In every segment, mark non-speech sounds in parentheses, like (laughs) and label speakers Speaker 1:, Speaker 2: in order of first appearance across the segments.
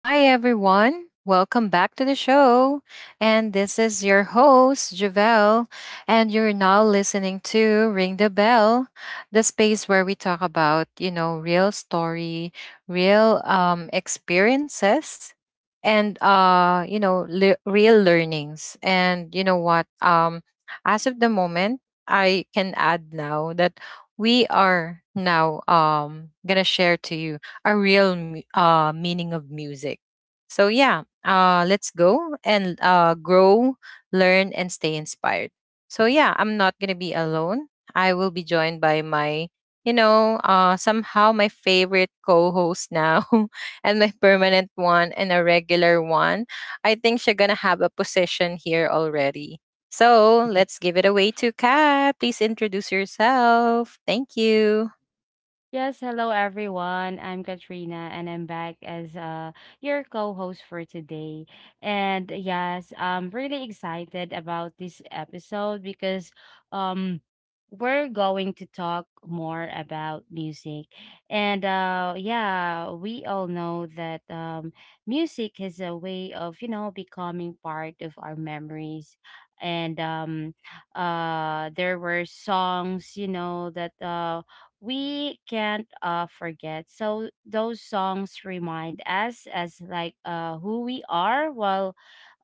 Speaker 1: Hi, everyone. Welcome back to the show. And this is your host, Javelle. And you're now listening to Ring the Bell, the space where we talk about, real story, real experiences, and, real learnings. And you know what? As of the moment, I can add now that we are now going to share to you a real meaning of music. So, yeah, let's go and grow, learn, and stay inspired. So, yeah, I'm not going to be alone. I will be joined by my, somehow my favorite co host now (laughs) and my permanent one and a regular one. I think she's going to have a position here already. So let's give it away to Kat. Please introduce yourself. Thank you.
Speaker 2: Yes, hello everyone. I'm Katrina and I'm back as your co-host for today. And yes, I'm really excited about this episode because um we're going to talk more about music. And yeah, we all know that music is a way of becoming part of our memories. And there were songs that we can't forget, so those songs remind us as like who we are, while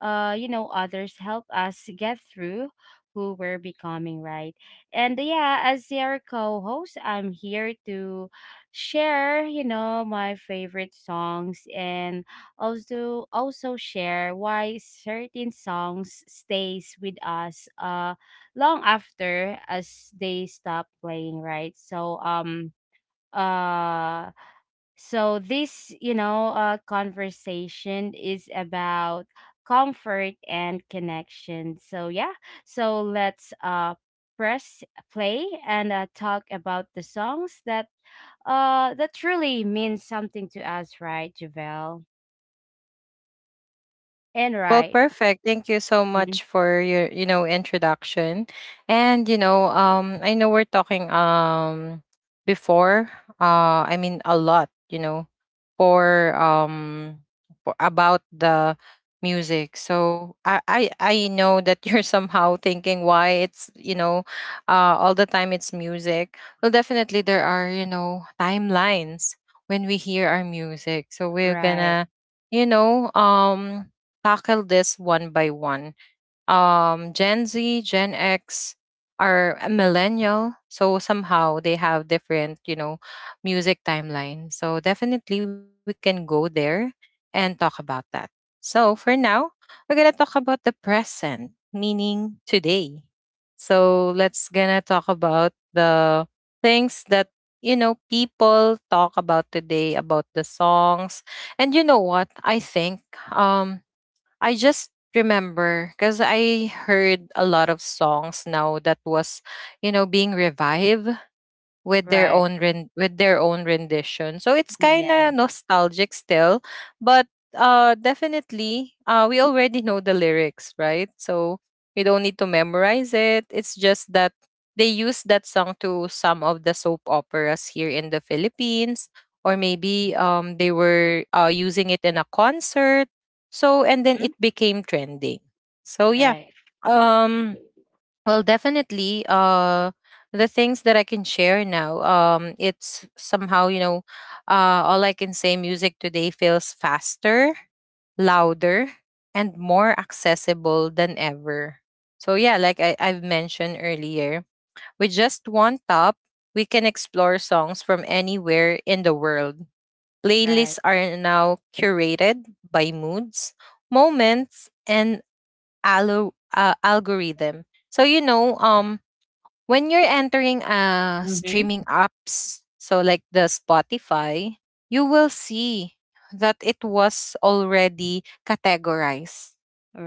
Speaker 2: others help us get through who we're becoming, right? And yeah, as your co-host, I'm here to share my favorite songs, and also share why certain songs stays with us long after as they stop playing, right. So uh so this conversation is about comfort and connection, so yeah. So let's press play and talk about the songs that truly means something to us, right, Javel? And
Speaker 1: Well,
Speaker 2: right.
Speaker 1: perfect. Thank you so
Speaker 2: Mhm.
Speaker 1: much for your, introduction. And I know we're talking before, I mean a lot, for um for about the music. So I know that (laughs) you're somehow thinking why it's, all the time it's music. Well, definitely there are, timelines when we hear our music. So we're
Speaker 2: Right,
Speaker 1: gonna you know um tackle this one by one. Gen Z, Gen X are a millennial, so somehow they have different, music timeline. So definitely we can go there and talk about that. So for now, we're gonna talk about the present, meaning today. So let's gonna talk about the things that you know people talk about today about the songs. And what I think, um I just remember because I heard a lot of songs now that was, being revived, with their
Speaker 2: right,
Speaker 1: own ren- with their own rendition. So it's kind
Speaker 2: yes.
Speaker 1: of nostalgic still, but definitely we already know the lyrics, right? So you don't need to memorize it. It's just that they use that song to some of the soap operas here in the Philippines, or maybe they were using it in a concert. So and then
Speaker 2: Mhm.
Speaker 1: it became trending. So yeah.
Speaker 2: Right,
Speaker 1: Um well, definitely, the things that I can share now, it's somehow all I can say, music today feels faster, louder, and more accessible than ever. So yeah, like I've mentioned earlier, with just one tap, we can explore songs from anywhere in the world.
Speaker 2: right.
Speaker 1: Playlists are now curated by moods, moments, and algorithm. So when you're entering
Speaker 2: Mhm.
Speaker 1: streaming apps, so like the Spotify, you will see that it was already categorized.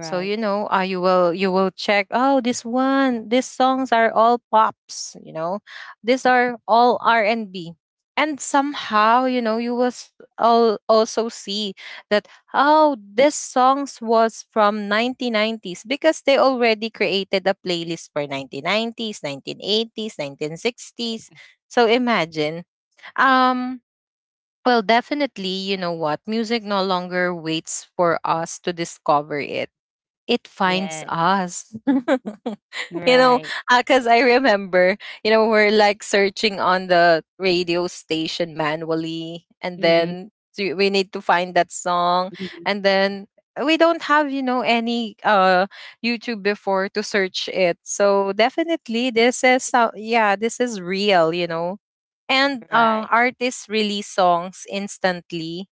Speaker 1: So you will check, oh, this one, these songs are all pops, you know, these are all R&B and B. And somehow you know you will also see that, oh, this songs was from 1990s because they already created a playlist for 1990s 1980s 1960s. So imagine. Um well definitely, you know what, music no longer waits for us to discover it, it finds
Speaker 2: Yes.
Speaker 1: us. (laughs) You know,
Speaker 2: Right.
Speaker 1: because I remember, you know, we're like searching on the radio station manually, and
Speaker 2: Mhm.
Speaker 1: then we need to find that song,
Speaker 2: Mhm.
Speaker 1: and then we don't have you know any youtube before to search it. So definitely this is, so yeah, this is real, you know. And
Speaker 2: Right.
Speaker 1: artists release songs instantly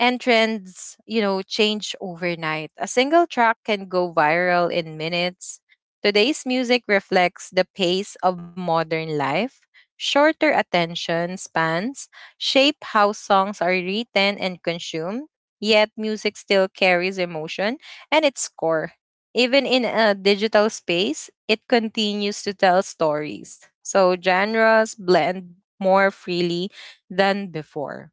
Speaker 1: and trends, you know, change overnight. A single track can go viral in minutes. Today's music reflects the pace of modern life. Shorter attention spans shape how songs are written and consumed, yet music still carries emotion and its core. Even in a digital space, it continues to tell stories. So genres blend more freely than before.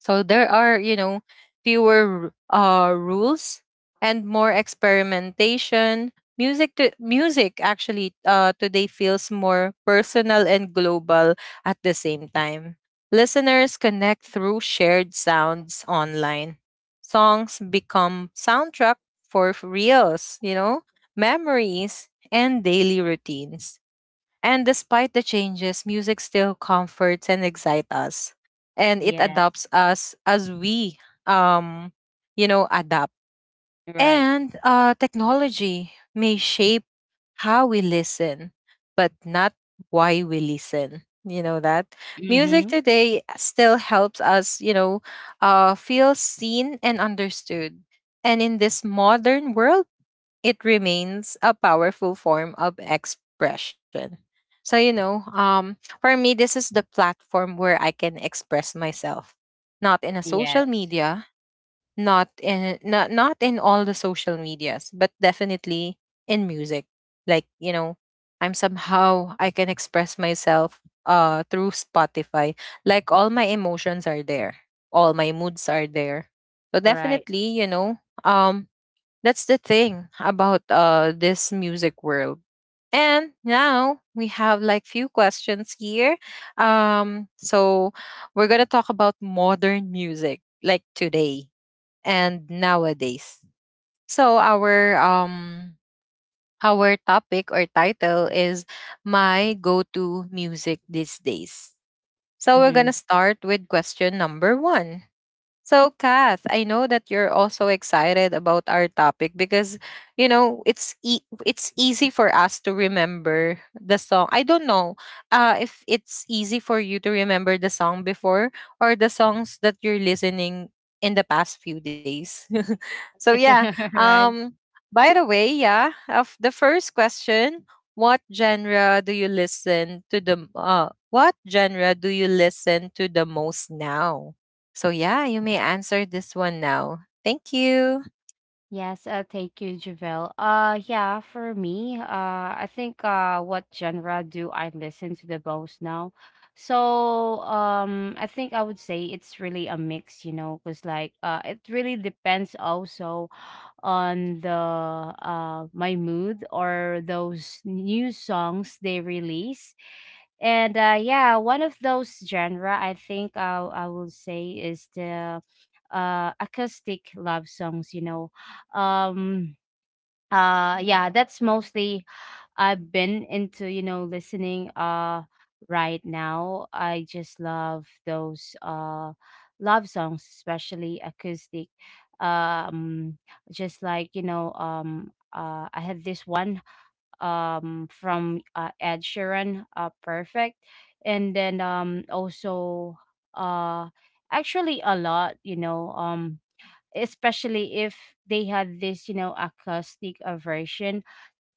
Speaker 1: So
Speaker 2: Right.
Speaker 1: there are, you know, fewer rules and more experimentation. Music actually today feels more personal and global at the same time. Listeners connect through shared sounds online. Songs become soundtrack for reels, you know, memories and daily routines. And despite the changes, music still comforts and excites us. And it
Speaker 2: Yes.
Speaker 1: adopts us as we um you know adapt.
Speaker 2: Right.
Speaker 1: And technology may shape how we listen, but not why we listen. You know that? Music
Speaker 2: Mhm.
Speaker 1: today still helps us, feel seen and understood. And in this modern world, it remains a powerful form of expression. So, for me, this is the platform where I can express myself, not in a social
Speaker 2: Yes.
Speaker 1: media, not in not in all the social medias, but definitely in music. Like, you know, I'm somehow I can express myself through Spotify. Like all my emotions are there. All my moods are there. So
Speaker 2: Right.
Speaker 1: definitely, um that's the thing about this music world. And now we have like few questions here. So we're going to talk about modern music, like today and nowadays. So our our topic or title is my go-to music these days. So we're going
Speaker 2: Mhm.
Speaker 1: to start with question number 1. So, Kath, I know that you're also excited about our topic because you know it's it's easy for us to remember the song. I don't know if it's easy for you to remember the song before, or the songs that you're listening in the past few days. (laughs) So yeah.
Speaker 2: (laughs) Right.
Speaker 1: Um. By the way, yeah. Of the first question, what genre do you listen to the? M- what genre do you listen to the most now? So yeah, you may answer this one now. Thank you.
Speaker 2: Yes, thank you, Javelle. Yeah, for me, I think what genre do I listen to the most now? So, I think I would say it's really a mix, because like it really depends also on the my mood or those new songs they release. And yeah, one of those genre I think I will say is the acoustic love songs. Um, yeah, that's mostly I've been into listening right now. I just love those love songs, especially acoustic. Um just like, I had this one from Ed Sheeran, Perfect. And then, also, uh actually, a lot, especially if they had this acoustic aversion.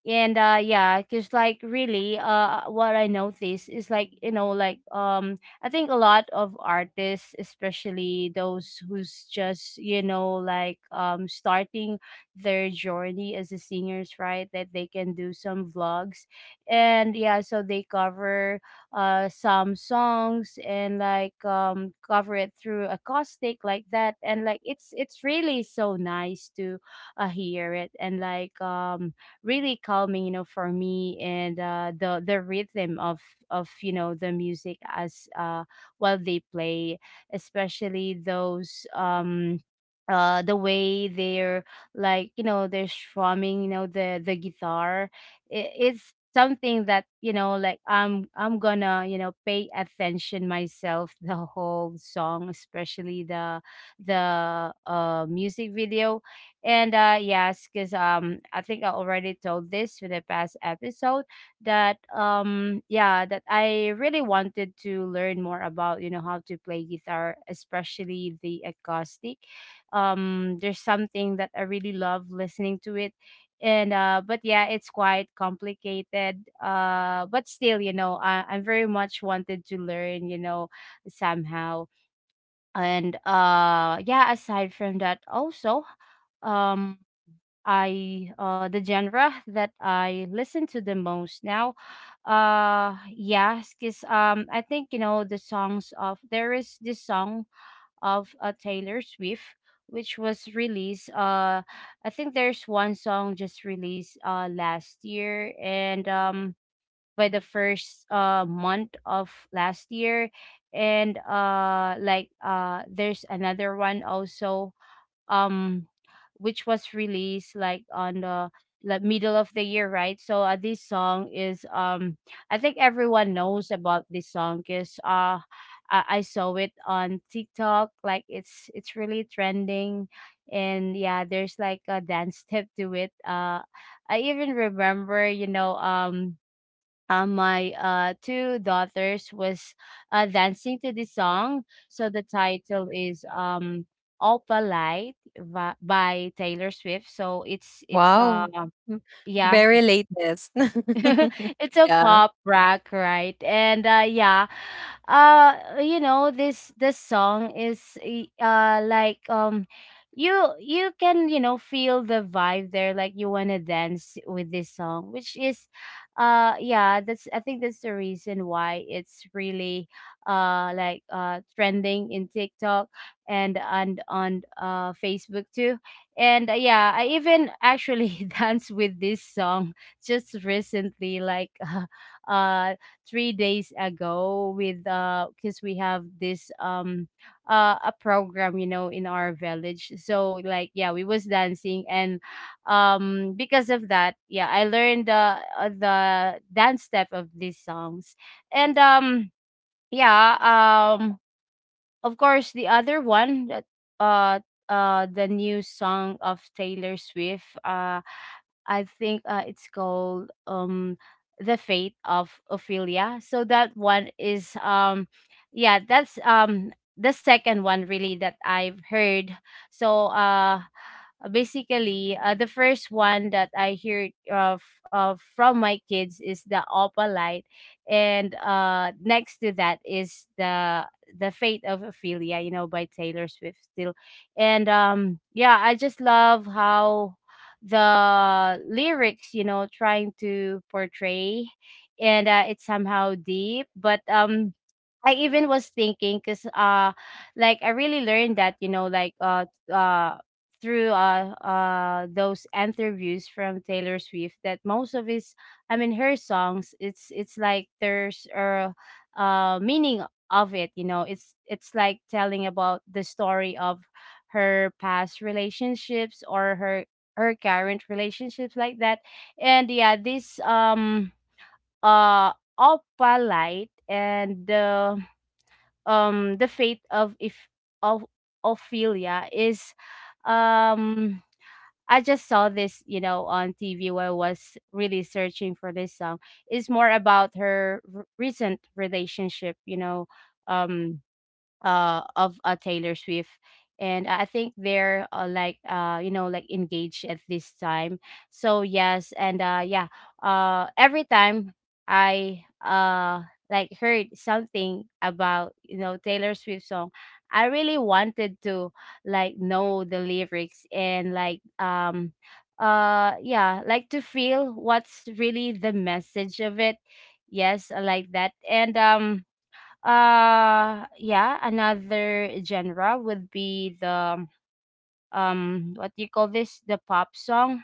Speaker 2: And yeah, because like really what I noticed is like, I think a lot of artists, especially those who's just starting their journey as a singers, right, that they can do some vlogs. And yeah, so they cover some songs, and like, cover it through acoustic like that. And like, it's really so nice to hear it, and like, really calming for me. And the rhythm of the music as while they play, especially those, the way they're strumming the guitar. It's something that like I'm gonna pay attention myself the whole song, especially the music video. And yes, because I think I already told this with the past episode that yeah, that I really wanted to learn more about how to play guitar, especially the acoustic. There's something that I really love listening to it. And but yeah, it's quite complicated. But still, I'm very much wanted to learn, somehow. And yeah, aside from that also, um I the genre that I listen to the most now. Yes, cause I think there is this song of Taylor Swift, which was released, I think there's one song just released last year, and by the first month of last year, and like there's another one also, um which was released like on the, like, middle of the year, right. So this song is, I think everyone knows about this song because I saw it on TikTok, like it's really trending. And yeah, there's like a dance step to it. I even remember my two daughters was dancing to this song. So the title is, "Opalite" by Taylor Swift. So it's
Speaker 1: Wow. M-
Speaker 2: yeah.
Speaker 1: Very latest.
Speaker 2: (laughs)
Speaker 1: (laughs)
Speaker 2: It's a
Speaker 1: Yeah.
Speaker 2: pop rock, right? And yeah, this song is you can feel the vibe there, like you wanna dance with this song, which is, yeah, that's I think that's the reason why it's really like trending in TikTok, and on Facebook too. And yeah, I even actually (laughs) dance with this song just recently, like, (laughs) uh 3 days ago with cuz we have this, a program in our village, so like yeah we was dancing. And because of that, yeah, I learned the, the dance step of these songs. And yeah, of course, the other one that, uh the new song of Taylor Swift. I think it's called, The Fate of Ophelia. So that one is, yeah, that's the second one really that I've heard. So basically, the first one that I hear of, from my kids is the Opalite, and next to that is the Fate of Ophelia, by Taylor Swift still. And yeah, I just love how the lyrics trying to portray. And it's somehow deep, but I even was thinking, cuz like I really learned that through those interviews from Taylor Swift, that most of his I mean her songs, it's like there's a meaning of it. It's like telling about the story of her past relationships or her current relationships, like that. And yeah, this uh Opalite and the, the Fate of if of Ophelia is, um I just saw this, on TV while I was really searching for this song. It's more about her recent relationship, um of Taylor Swift, and I think they're, like engaged at this time. So yes. And yeah, every time I, like, heard something about Taylor Swift song, I really wanted to, like, know the lyrics and like, yeah, like to feel what's really the message of it. Yes, I like that. And yeah, another genre would be the, what do you call this, the pop song.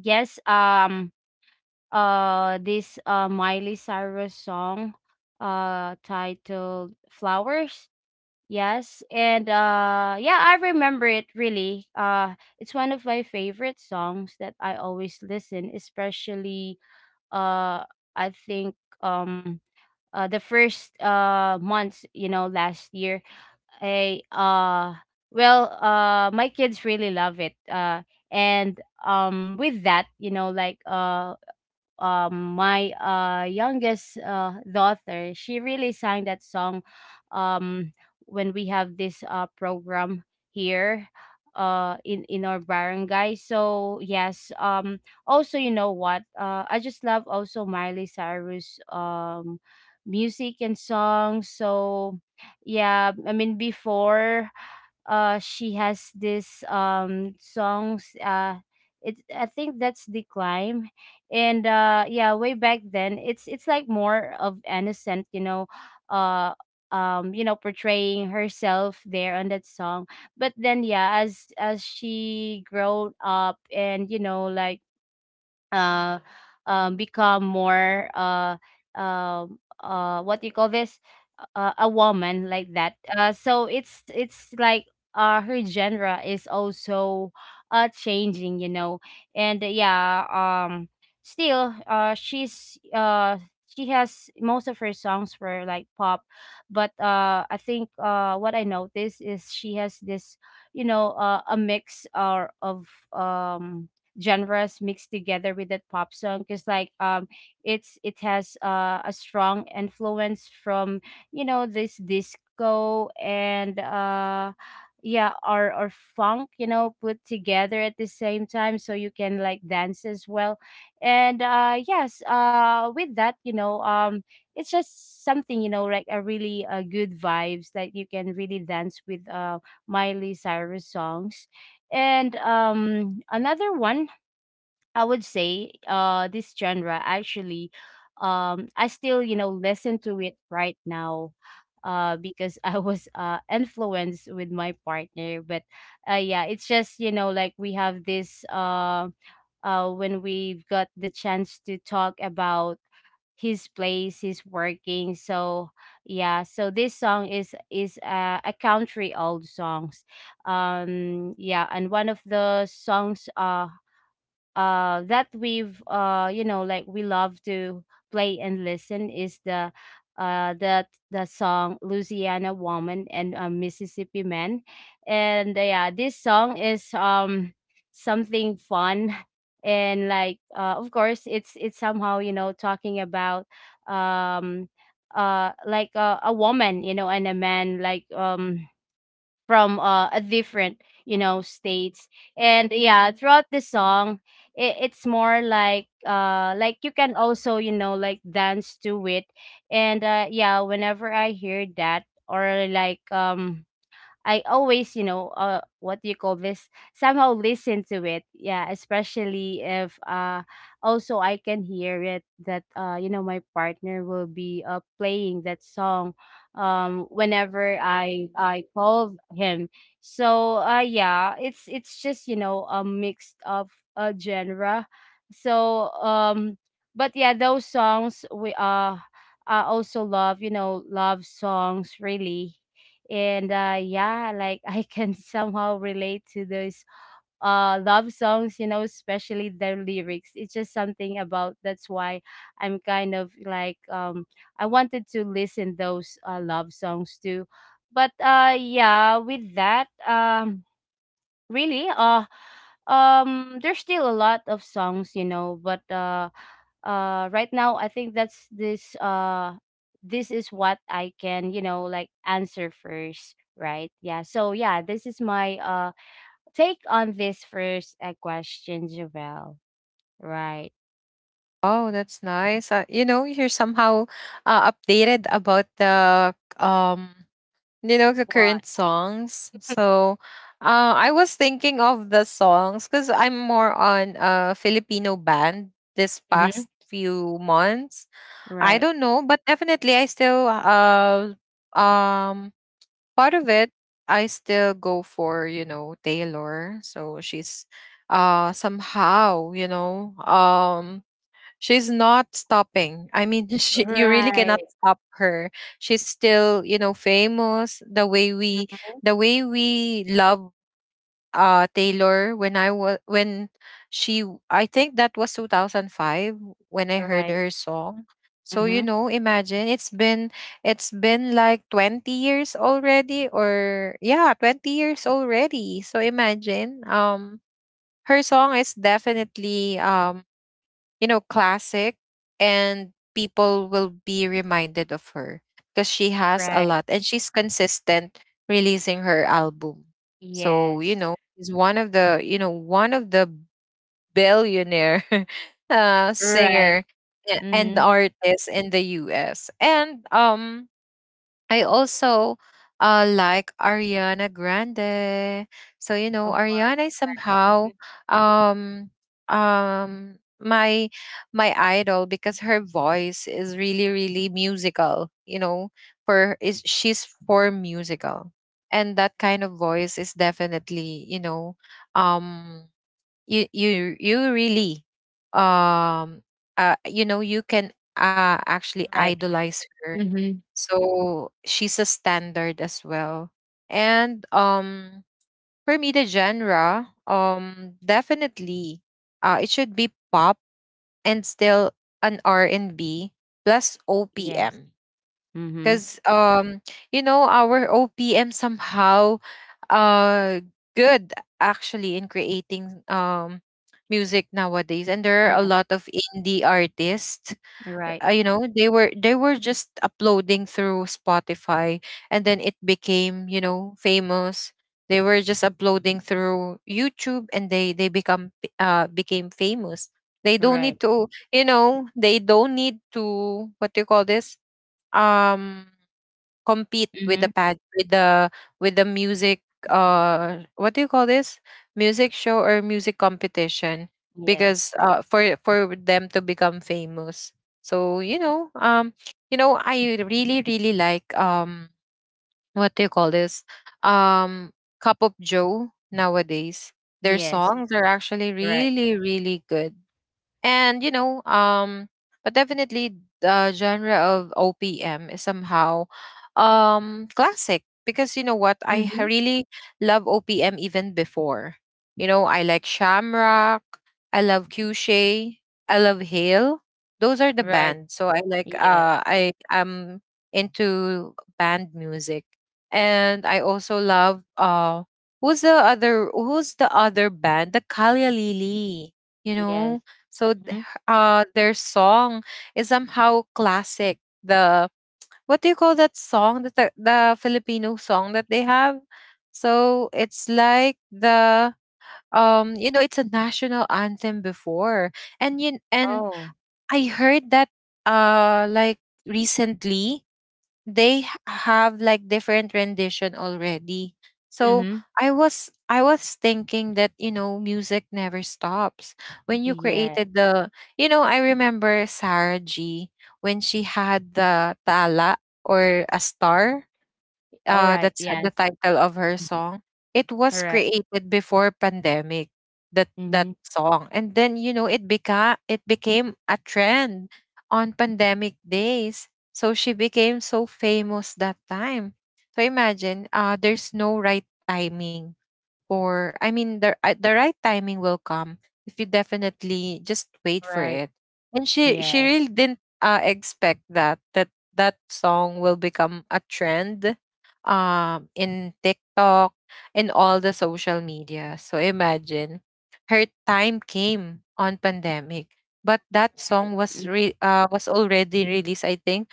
Speaker 2: Yes, this Miley Cyrus song, titled Flowers. Yes, and yeah, I remember it really. It's one of my favorite songs that I always listen, especially uh I think, um the first months, last year. I well my kids really love it. And with that, my youngest daughter, she really sang that song um when we have this program here in our barangay. So yes. Also, you know what, I just love also Miley Cyrus, music and songs, so yeah. I mean before, she has this, songs, it I think that's The Climb. And yeah, way back then, it's like more of innocent, uh portraying herself there on that song. But then yeah, as she grown up and uh, become more, what do you call this, a woman like that. So it's like, her genre is also changing. And yeah, still, she has most of her songs were like pop. But I think what I noticed is she has this you know a mix or of genres mixed together with that pop song, because like, it has a strong influence from, this disco, and yeah, or funk put together at the same time, so you can like dance as well. And yes, with that, it's just something like a really, good vibes that you can really dance with Miley Cyrus songs. And another one I would say, this genre actually, I still listen to it right now, because (laughs) I was influenced with my partner. But yeah, it's just like we have this, when we've got the chance to talk about his place, his working, so yeah. So this song is a country old songs. Yeah, and one of the songs, that we've you know like we love to play and listen is uh the the song Louisiana Woman and Mississippi Man. And yeah, this song is, something fun. (laughs) And like, of course, it's somehow talking about, um a woman, you know, and a man, like, from a different, you know, states. And yeah, throughout the song, it's more like you can also, you know, like, dance to it. And yeah, whenever I hear that, or like, I always, you know, what do you call this? Somehow listen to it. Yeah, especially if also I can hear it that you know, my partner will be playing that song, whenever I call him. So yeah, it's just, you know, a mix of a genre. So um, but yeah, those songs we I also love, you know, love songs really. And yeah, like I can (laughs) somehow relate to those love songs, you know, especially their lyrics, it's just something about that's why I'm kind of like, I wanted to listen those love songs too. But yeah, with that, really there's still a lot of songs, you know, but right now I think that's this, this is what I can, you know, like, answer first, right? Yeah, so yeah, this is my take on this first question, Javel. Right.
Speaker 1: Oh, that's nice. You know, you're somehow updated about the you know, the
Speaker 2: What?
Speaker 1: current songs. So, I was thinking of the songs because I'm more on a Filipino band this
Speaker 2: Mhm.
Speaker 1: past few months. I
Speaker 2: Right.
Speaker 1: don't know, but definitely I still um part of it, I still go for, you know, Taylor. So she's somehow, she's not stopping. I mean, (laughs) she, you really
Speaker 2: Right.
Speaker 1: cannot stop her. She's still, you know, famous
Speaker 2: Mhm.
Speaker 1: the way we love Taylor when I was when I think that was 2005 when I heard
Speaker 2: Right.
Speaker 1: her song. So you
Speaker 2: Mhm.
Speaker 1: know, imagine it's been like twenty years already, or yeah, twenty years already. So imagine her song is definitely you know, classic, and people will be reminded of her because she has a
Speaker 2: Right.
Speaker 1: lot and she's consistent releasing her album. So, you
Speaker 2: Yes.
Speaker 1: know, she's one of the, one of the billionaire (laughs)
Speaker 2: Right.
Speaker 1: singer and
Speaker 2: Mhm.
Speaker 1: artist in the US. And I also like Ariana Grande. So you know,
Speaker 2: Of course.
Speaker 1: Ariana is
Speaker 2: Right.
Speaker 1: somehow
Speaker 2: Mhm.
Speaker 1: um my idol because her voice is really really musical. You know, for is she's for musical, and that kind of voice is definitely you know um you really um you know you can actually
Speaker 2: Right.
Speaker 1: idolize her.
Speaker 2: Mhm.
Speaker 1: So she's a standard as well. And for me the genre definitely it should be pop and still an R&B plus
Speaker 2: Yes.
Speaker 1: OPM.
Speaker 2: Mhm.
Speaker 1: Because you know our OPM somehow uh good actually in creating music nowadays, and there are a
Speaker 2: Yeah,
Speaker 1: lot of indie artists,
Speaker 2: right,
Speaker 1: you know, they were just uploading through Spotify and then it became you know famous. They were just uploading through YouTube and they they became famous. They don't
Speaker 2: right.
Speaker 1: need to, you know, they don't need to, what do you call this, um compete with the
Speaker 2: Mhm.
Speaker 1: with the music, what do you call this, music show or music competition,
Speaker 2: Yes.
Speaker 1: because for them to become famous. So you know I really really like, what do you call this, um Cup of Joe nowadays. Their
Speaker 2: Yes.
Speaker 1: songs are actually
Speaker 2: Right.
Speaker 1: really really good. And but definitely the genre of OPM is somehow classic, because you know what, I
Speaker 2: Mhm.
Speaker 1: really love OPM even before. You know I like Shamrock, I love Cushay, I love Hale. Those are the
Speaker 2: Right.
Speaker 1: bands, so I like
Speaker 2: Yeah.
Speaker 1: I am into band music. And I also love uh who's the other band, the Kalia Lili, you know.
Speaker 2: Yes.
Speaker 1: so th-
Speaker 2: Mhm.
Speaker 1: their song is somehow classic. The what do you call that song that the Filipino song that they have, so it's like the, you know, it's a national anthem before. And you and
Speaker 2: Oh.
Speaker 1: I heard that like recently they have like different rendition already. So
Speaker 2: Mhm.
Speaker 1: I was I was thinking that you know music never stops when you
Speaker 2: Yes.
Speaker 1: created the, you know, I remember Sarah G, when she had the Tala or A Star,
Speaker 2: All right.
Speaker 1: that's the
Speaker 2: Yes.
Speaker 1: title of her song. It
Speaker 2: All
Speaker 1: was
Speaker 2: right.
Speaker 1: created before pandemic. That
Speaker 2: Mhm.
Speaker 1: song, and then you know it became, it became a trend on pandemic days. So she became so famous that time. So imagine, there's no right timing or I mean the right timing will come if you definitely just wait for
Speaker 2: Right.
Speaker 1: it. And she
Speaker 2: Yeah.
Speaker 1: really didn't expect that that song will become a trend in TikTok and all the social media. So imagine her time came on pandemic, but that song
Speaker 2: Right.
Speaker 1: was
Speaker 2: Mhm.
Speaker 1: was already released I think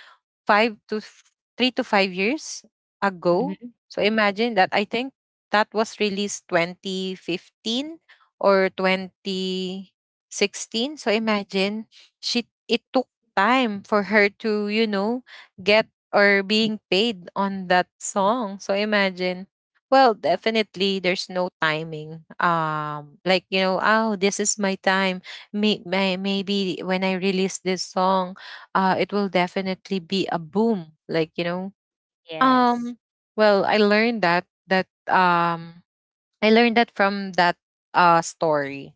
Speaker 1: five to f- 3 to 5 years ago.
Speaker 2: Mhm.
Speaker 1: So imagine that. I think that was released 2015 or 2016. So imagine she it took time for her to, you know, get or being paid on that song. So imagine. Well, definitely there's no timing. Like you know, oh, this is my time. Maybe when I release this song it will definitely be a boom. Like you know,
Speaker 2: Yes.
Speaker 1: um, well, I learned that I learned that from that story.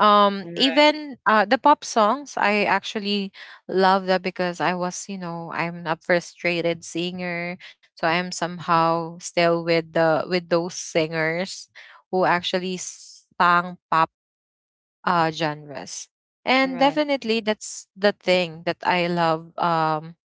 Speaker 2: All right.
Speaker 1: Even the pop songs, I actually love that because I was, you know, I'm a frustrated singer, so I am somehow still with the with those singers who actually sang pop genres.
Speaker 2: All
Speaker 1: And
Speaker 2: right.
Speaker 1: definitely, that's the thing that I love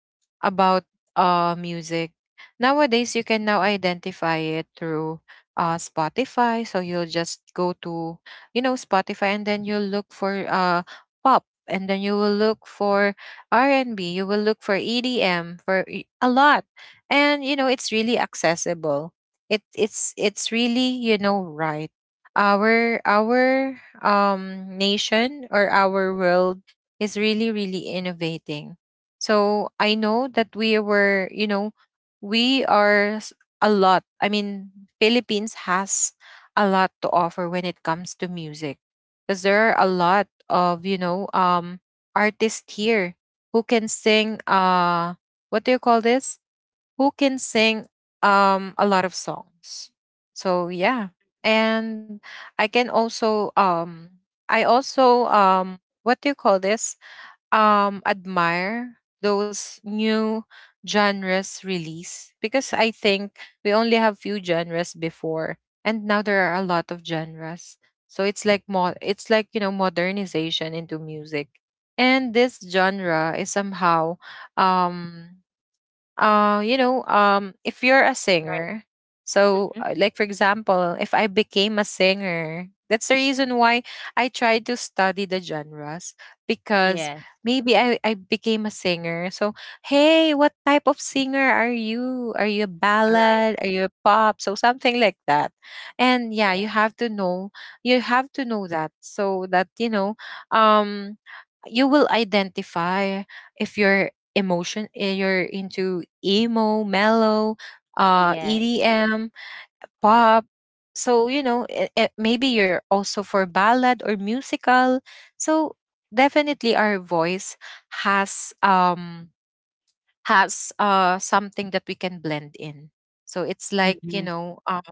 Speaker 1: about music. Nowadays, you can now identify it through Spotify. So you'll just go to, you know, Spotify, and then you'll look for pop, and then you will look for R and B. You will look for EDM for a lot, and you know, it's really accessible. It's really you know right our nation or our world is really really innovating. So I know that we were you know we are s- a lot I mean Philippines has a lot to offer when it comes to music because there are a lot of artists here who can sing what do you call this who can sing a lot of songs. So yeah. And I can also I also what do you call this? Admire those new genres release because I think we only have few genres before and now there are a lot of genres. So it's like it's like you know modernization into music. And this genre is somehow um you know if you're a
Speaker 2: Right.
Speaker 1: singer,
Speaker 2: Mhm.
Speaker 1: so like for example if I became a singer, that's the reason why I tried to study the genres because
Speaker 2: Yes.
Speaker 1: maybe I became a singer. So hey, what type of singer are you? Are you a
Speaker 2: All right.
Speaker 1: ballad? Are you a pop? So something like that. And yeah,
Speaker 2: Yes.
Speaker 1: you have to know, you have to know that so that you know um you will identify if you're emotion and you're into emo mellow,
Speaker 2: Yes.
Speaker 1: EDM, pop. So you know maybe you're also for ballad or musical. So definitely our voice has something that we can blend in. So it's like, you
Speaker 2: Mhm.
Speaker 1: know,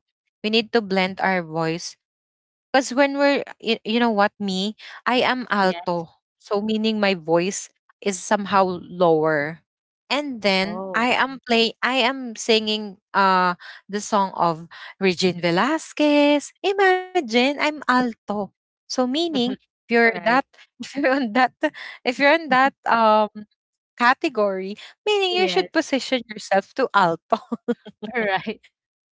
Speaker 1: we need to blend our voice. Because when we're, you know what, me, I am alto.
Speaker 2: Yes.
Speaker 1: So meaning my voice is somehow lower. And then
Speaker 2: Oh.
Speaker 1: I am singing the song of Regine Velasquez. Imagine I'm alto. So meaning
Speaker 2: (laughs)
Speaker 1: if you're
Speaker 2: All
Speaker 1: that
Speaker 2: right.
Speaker 1: (laughs) if you're on that if you're on that category, meaning you
Speaker 2: Yes.
Speaker 1: should position yourself to alto. (laughs)
Speaker 2: (laughs) All right.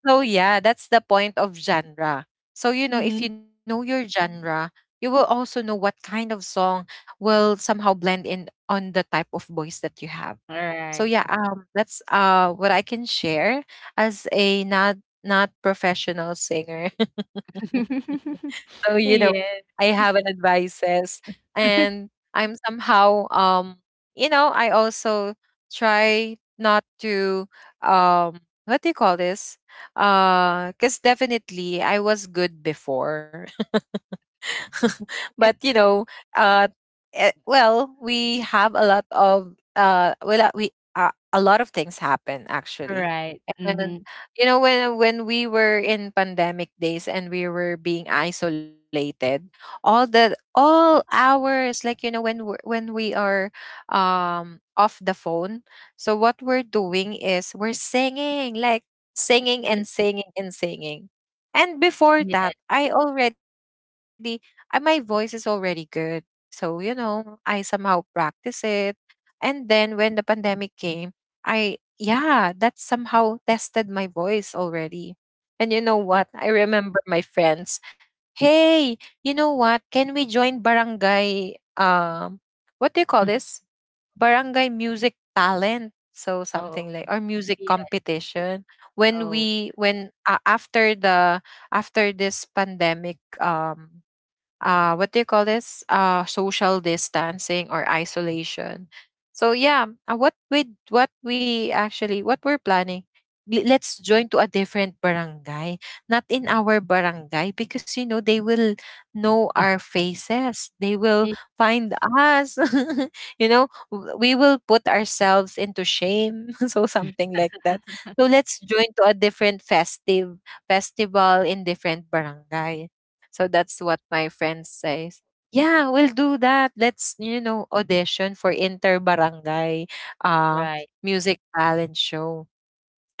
Speaker 1: So yeah, that's the point of genre. So you know, if
Speaker 2: Mhm.
Speaker 1: you know your genre, you will also know what kind of song will somehow blend in on the type of voice that you have.
Speaker 2: All
Speaker 1: So
Speaker 2: right.
Speaker 1: yeah, that's what I can share as a not professional singer.
Speaker 2: (laughs)
Speaker 1: So, you know,
Speaker 2: Yes.
Speaker 1: I have an advices
Speaker 2: (laughs)
Speaker 1: and I'm somehow you know, I also try not to what do you call this? Cuz definitely I was good before. (laughs) But you know, uh, well, we have a lot of well, we a lot of things happen actually.
Speaker 2: Right.
Speaker 1: And
Speaker 2: Mhm.
Speaker 1: you know when we were in pandemic days and we were being isolated, all the all hours like you know when we are off the phone. So what we're doing is we're singing like singing and
Speaker 2: Mm.
Speaker 1: singing and singing. And before that,
Speaker 2: Yeah.
Speaker 1: I already my voice is already good. So, you know, I somehow practice it. And then when the pandemic came, yeah, that somehow tested my voice already. And you know
Speaker 2: Mhm.
Speaker 1: what? I remember my friends. Hey, you know what? Can we join barangay? What do you call
Speaker 2: (laughs)
Speaker 1: this? Barangay music talent. So
Speaker 2: Oh,
Speaker 1: something like or music
Speaker 2: yeah.
Speaker 1: competition. When
Speaker 2: Oh.
Speaker 1: we when after the after this pandemic what do you call this, social distancing or isolation. So yeah, what we actually what we're planning, let's join to a different barangay, not in our barangay because you know they will know our
Speaker 2: (laughs)
Speaker 1: faces, they will
Speaker 2: Eh.
Speaker 1: find us. (laughs) You know, we will put ourselves into shame. (laughs) So something like that. So let's join to a different festive festival in different barangay. So that's what my friend says. Yeah, we'll do that. Let's, you know, audition for inter-barangay uh,
Speaker 2: Right.
Speaker 1: music talent show.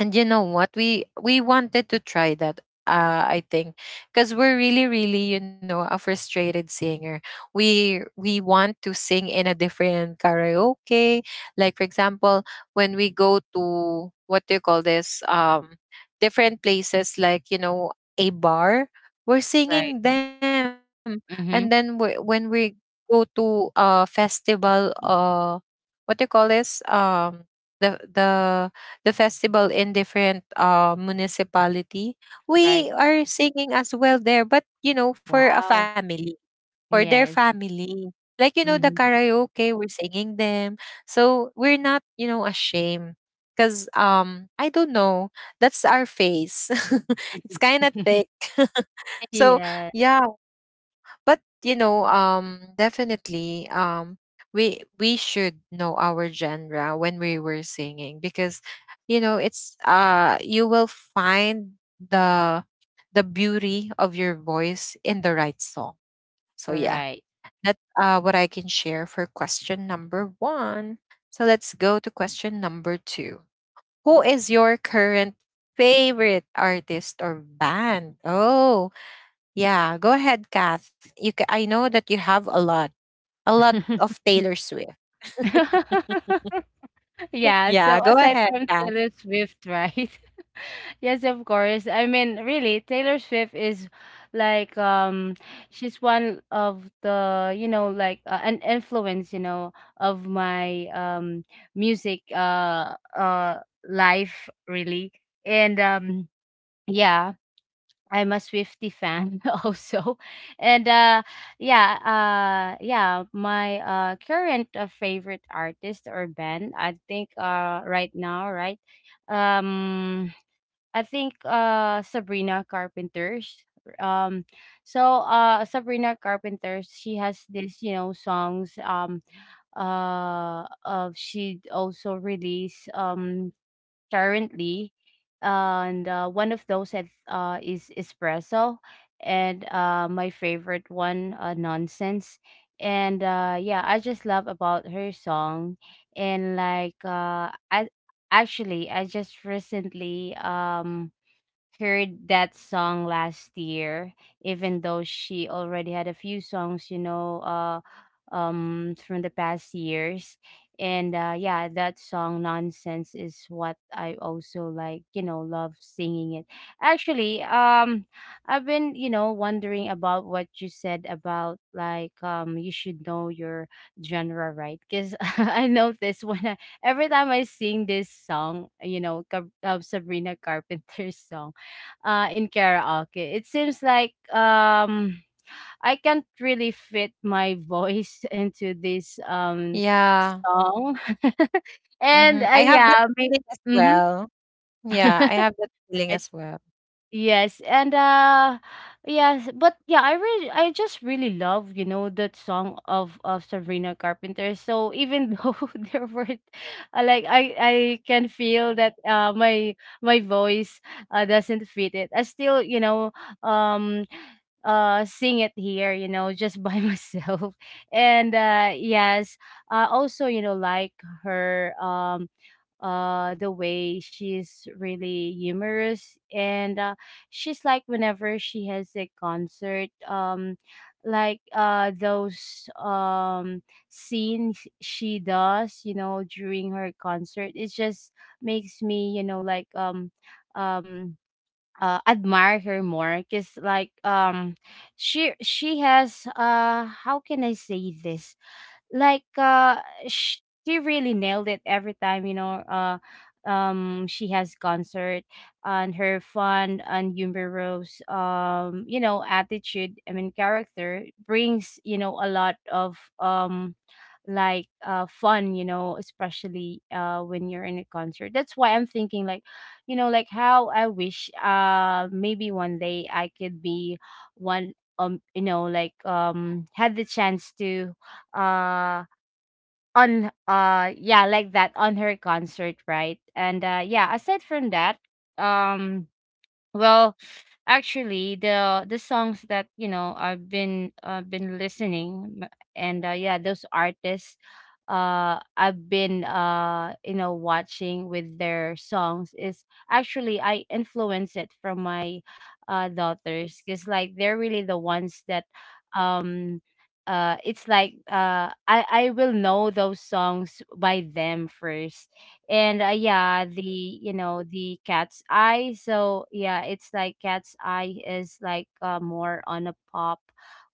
Speaker 1: And you know what, we wanted to try that. I think because we're really really you know a frustrated singer, we want to sing in a different karaoke. Like for example, when we go to what do you call this, different places like you know a bar, we're
Speaker 2: Right.
Speaker 1: singing them. And then
Speaker 2: Mhm.
Speaker 1: when we go to a festival, what do you call this, the the the festival in different municipality,
Speaker 2: Right.
Speaker 1: we are singing as well there, but you know, for a
Speaker 2: Wow.
Speaker 1: family, for their
Speaker 2: Yes.
Speaker 1: family. Like, you know, the
Speaker 2: Mhm.
Speaker 1: karaoke, we're singing them. So we're not, you know, ashamed. Cause I don't know. That's our face. (laughs) It's kinda
Speaker 2: (laughs)
Speaker 1: thick. (laughs) So
Speaker 2: Yes.
Speaker 1: yeah, but you know definitely we should know our genre when we were singing because you know it's you will find the the beauty of your voice in the right song. So yeah,
Speaker 2: Right.
Speaker 1: that's what I can share for question number 1. So let's go to question number 2. Who is your current favorite artist or band? Oh yeah, go ahead, Kath. I know that you have a lot of
Speaker 2: (laughs)
Speaker 1: Taylor Swift.
Speaker 2: (laughs) Yeah. So
Speaker 1: Yeah, go
Speaker 2: aside
Speaker 1: ahead,
Speaker 2: from
Speaker 1: Kath.
Speaker 2: Taylor Swift, (laughs) right? Yes, of course. I mean, really, Taylor Swift is like, she's one of the, you know, like, an influence, you know, of my music life really. And yeah, I'm a Swifty fan (laughs) also. And uh yeah, my current favorite artist or band, I think right now, right? Um I think Sabrina Carpenter's. um Sabrina Carpenter, she has this, you know, songs, of she also released, currently. And one of those that is espresso, and my favorite one, nonsense. And yeah, I just love about her song. And like, I actually, I just recently heard that song last year, even though she already had a few songs, you know, from the past years. And yeah, that song "Nonsense" is what I also like. You know, love singing it. Actually, I've been, you know, wondering about what you said about, like, you should know your genre, right? Because (laughs) I noticed when I every time I sing this song, you know, Sabrina Carpenter's song in karaoke. It seems like, I can't really fit my voice (laughs) into this,
Speaker 1: Yeah,
Speaker 2: song. (laughs)
Speaker 1: hmm,
Speaker 2: And
Speaker 1: I have that
Speaker 2: yeah, may-
Speaker 1: feeling as
Speaker 2: mhm.
Speaker 1: well. Yeah, I have that feeling
Speaker 2: (laughs)
Speaker 1: as well.
Speaker 2: Yes, and yes, but yeah, I really, I just really love, you know, that song of Sabrina Carpenter. So even though (laughs) there were, like, I can feel that my my voice doesn't fit it. I still, you know, um sing it here, you know, just by (laughs) myself. And yes, I also, you know, like her the way she's really humorous. And she's like, whenever she has a concert, like those scenes she does, you know, during her concert, it just makes me, you know, like, um admire her more. Because like, she has, how can I say this, like uh sh- she really nailed it every time, you know. She has concert, and her fun and humorous, you know, attitude, I mean character, brings, you know, a lot of fun, you know, especially when you're in a concert. That's why I'm thinking like, you know, like, how I wish maybe one day I could be one, you know, like, had the chance to uh on yeah, like that, on her concert, right? And yeah, aside from that, um well, actually, the songs that, you know, I've been listening, m- and yeah, those artists, I've been, you know, watching with their songs, is actually I influence it from my daughters. Because like they're really the ones that um. It's like, uh, I will know those songs by them first. And yeah, the you know the cat's eye. So yeah, it's like cat's eye is like, more on a pop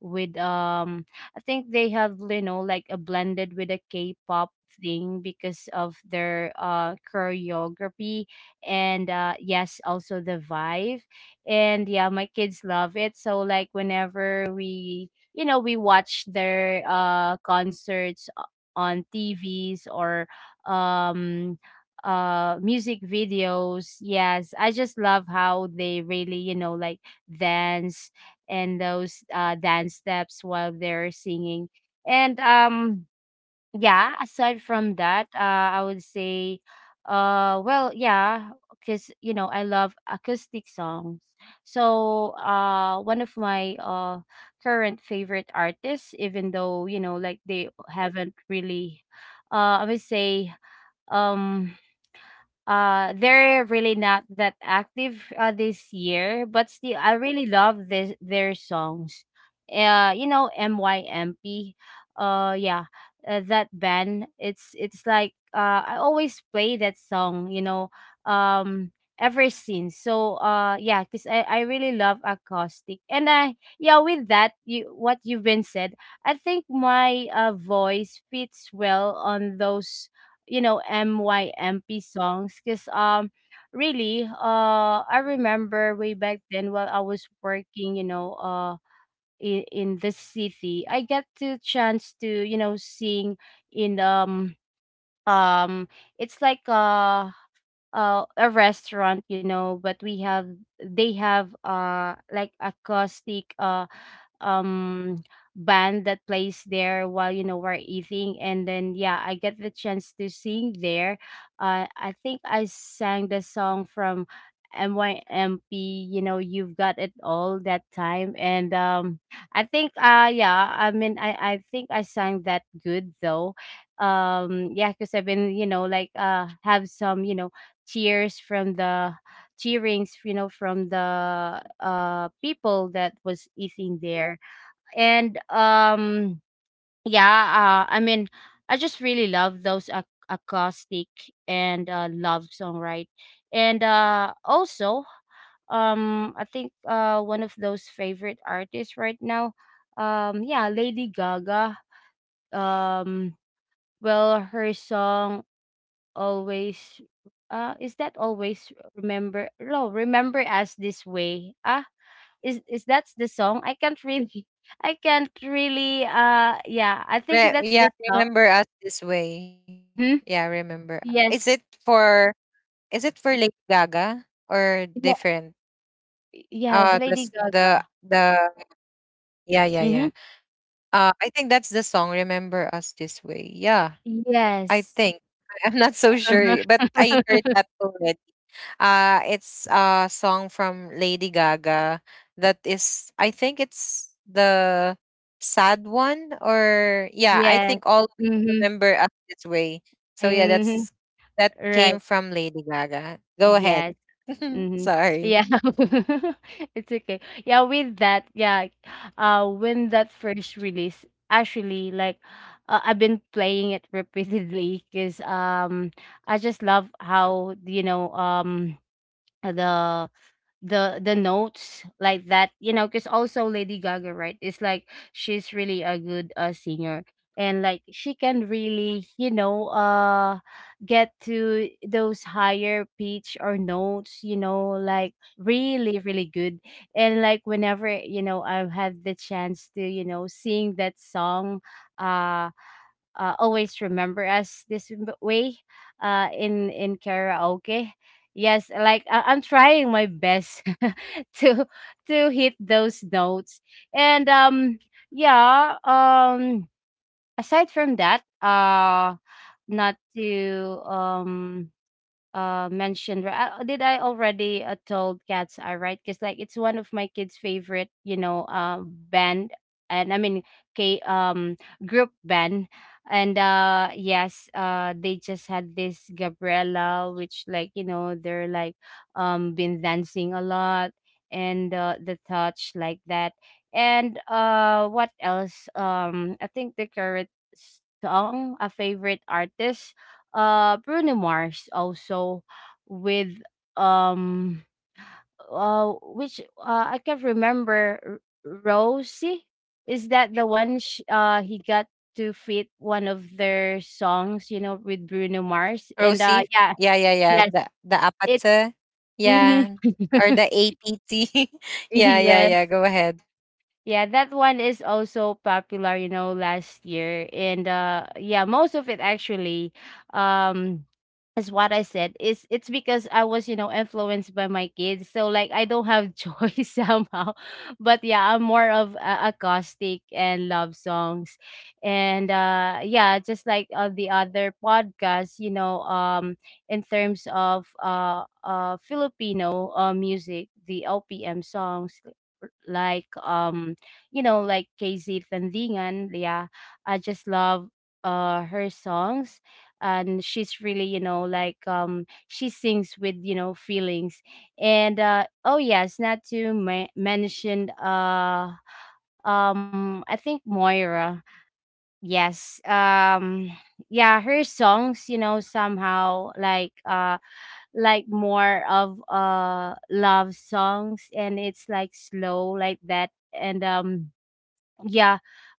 Speaker 2: with, I think they have, you know, like a blended with a k-pop thing, because of their choreography. And yes, also the vibe. And yeah, my kids love it, so like, whenever we, you know, we watch their concerts on TVs or, um music videos, yes, I just love how they really, you know, like, dance. And those dance steps while they're singing. And yeah, aside from that, I would say, well, yeah, because you know I love acoustic songs. So one of my current favorite artists, even though, you know, like, they haven't really, I would say, um they're really not that active this year, but still I really love this their songs, you know, MYMP. Yeah, that band. It's like, I always play that song, you know, um ever since. So yeah, because I really love acoustic. And I yeah, with that, you what you've been said, I think my voice fits well on those, you know, MYMP songs. Because really I remember way back then, while I was working, you know, in the city, I get the chance to, you know, sing in, um it's like a restaurant, you know. But we have, they have, like, acoustic, um band that plays there while, you know, we're eating. And then yeah, I get the chance to sing there. I think I sang the song from MYMP, you know, you've got it all that time. And I think, I think I sang that good though. Yeah, because I've been, you know, like, have some, you know, tears from the cheerings, you know, from the people that was eating there. And yeah, I mean, I just really love those acoustic and, love song, right? And also, I think one of those favorite artists right now, yeah, Lady Gaga. um well, her song, always, is that always remember no Remember Us This Way. Ah, is that's the song. I can't really (laughs) I can't really, yeah, I think that's the
Speaker 1: Yeah,
Speaker 2: song.
Speaker 1: remember us this way.
Speaker 2: Mm-hmm.
Speaker 1: Yeah, remember. Is
Speaker 2: Yes.
Speaker 1: it for is it for Lady Gaga or
Speaker 2: Yeah.
Speaker 1: different?
Speaker 2: Yes,
Speaker 1: The
Speaker 2: Lady
Speaker 1: s-
Speaker 2: Gaga.
Speaker 1: the Yeah, yeah, yeah.
Speaker 2: Mm-hmm.
Speaker 1: I think that's the song. Remember us this way. Yeah. I
Speaker 2: Yes.
Speaker 1: think. I- I'm not so sure,
Speaker 2: Uh-huh.
Speaker 1: eh, but I heard
Speaker 2: (laughs)
Speaker 1: that already. Uh, it's a song from Lady Gaga that is I think it's the sad one or yeah, I
Speaker 2: Yes.
Speaker 1: think all of us
Speaker 2: Mm-hmm.
Speaker 1: remember us this way. So yeah,
Speaker 2: Mm-hmm.
Speaker 1: that's that
Speaker 2: Right.
Speaker 1: came from Lady Gaga. Go ahead.
Speaker 2: Yes.
Speaker 1: (laughs)
Speaker 2: Mhm.
Speaker 1: Sorry.
Speaker 2: Yeah. (laughs) It's okay. Yeah, with that, yeah. When that first release, actually like, I've been playing it (laughs) repeatedly, cuz I just love how, you know, the the notes like that, you know. Because also Lady Gaga, right, is like, she's really a good, singer. And like, she can really, you know, get to those higher pitch or notes, you know, like, really really good. And like, whenever, you know, I've had the chance to, you know, sing that song, uh Always Remember Us This Way, in karaoke. Yes, like, I-, I'm trying my best (laughs) to to hit those notes. And yeah, aside from that, not to, mentioned, right? Did I already, told cats eye, right? Because like, it's one of my kids favorite, you know, band. And I mean, k group band. And yes, they just had this Gabriella, which like, you know, they're like, been dancing a lot. And the touch like that. And what else, I think the current song, a favorite artist, Bruno Mars also, with, um which, I can't remember. Rosie, is that the one he got to fit one of their songs, you know, with Bruno Mars. And
Speaker 1: Rosie.
Speaker 2: yeah.
Speaker 1: Yeah, yeah, yeah.
Speaker 2: Yes.
Speaker 1: The
Speaker 2: It.
Speaker 1: apatse.
Speaker 2: Hmm.
Speaker 1: Yeah.
Speaker 2: (laughs)
Speaker 1: Or the APT. (laughs) Yeah, yeah,
Speaker 2: Yes.
Speaker 1: yeah. Go ahead.
Speaker 2: Yeah, that one is also popular, you know, last year. And yeah, most of it actually, um as what I said, is, it's because I was, you know, influenced by my kids. So like I don't have choice (laughs) somehow. But yeah, I'm more of acoustic and love songs. And yeah, just like the other podcasts, in terms of Filipino music, the OPM songs like like KZ Tandingan, yeah. I just love her songs, and she's really she sings with feelings. And oh yes, not to mention I think Moira. Yes. Yeah, her songs, somehow like more of love songs, and it's like slow like that. And Yeah.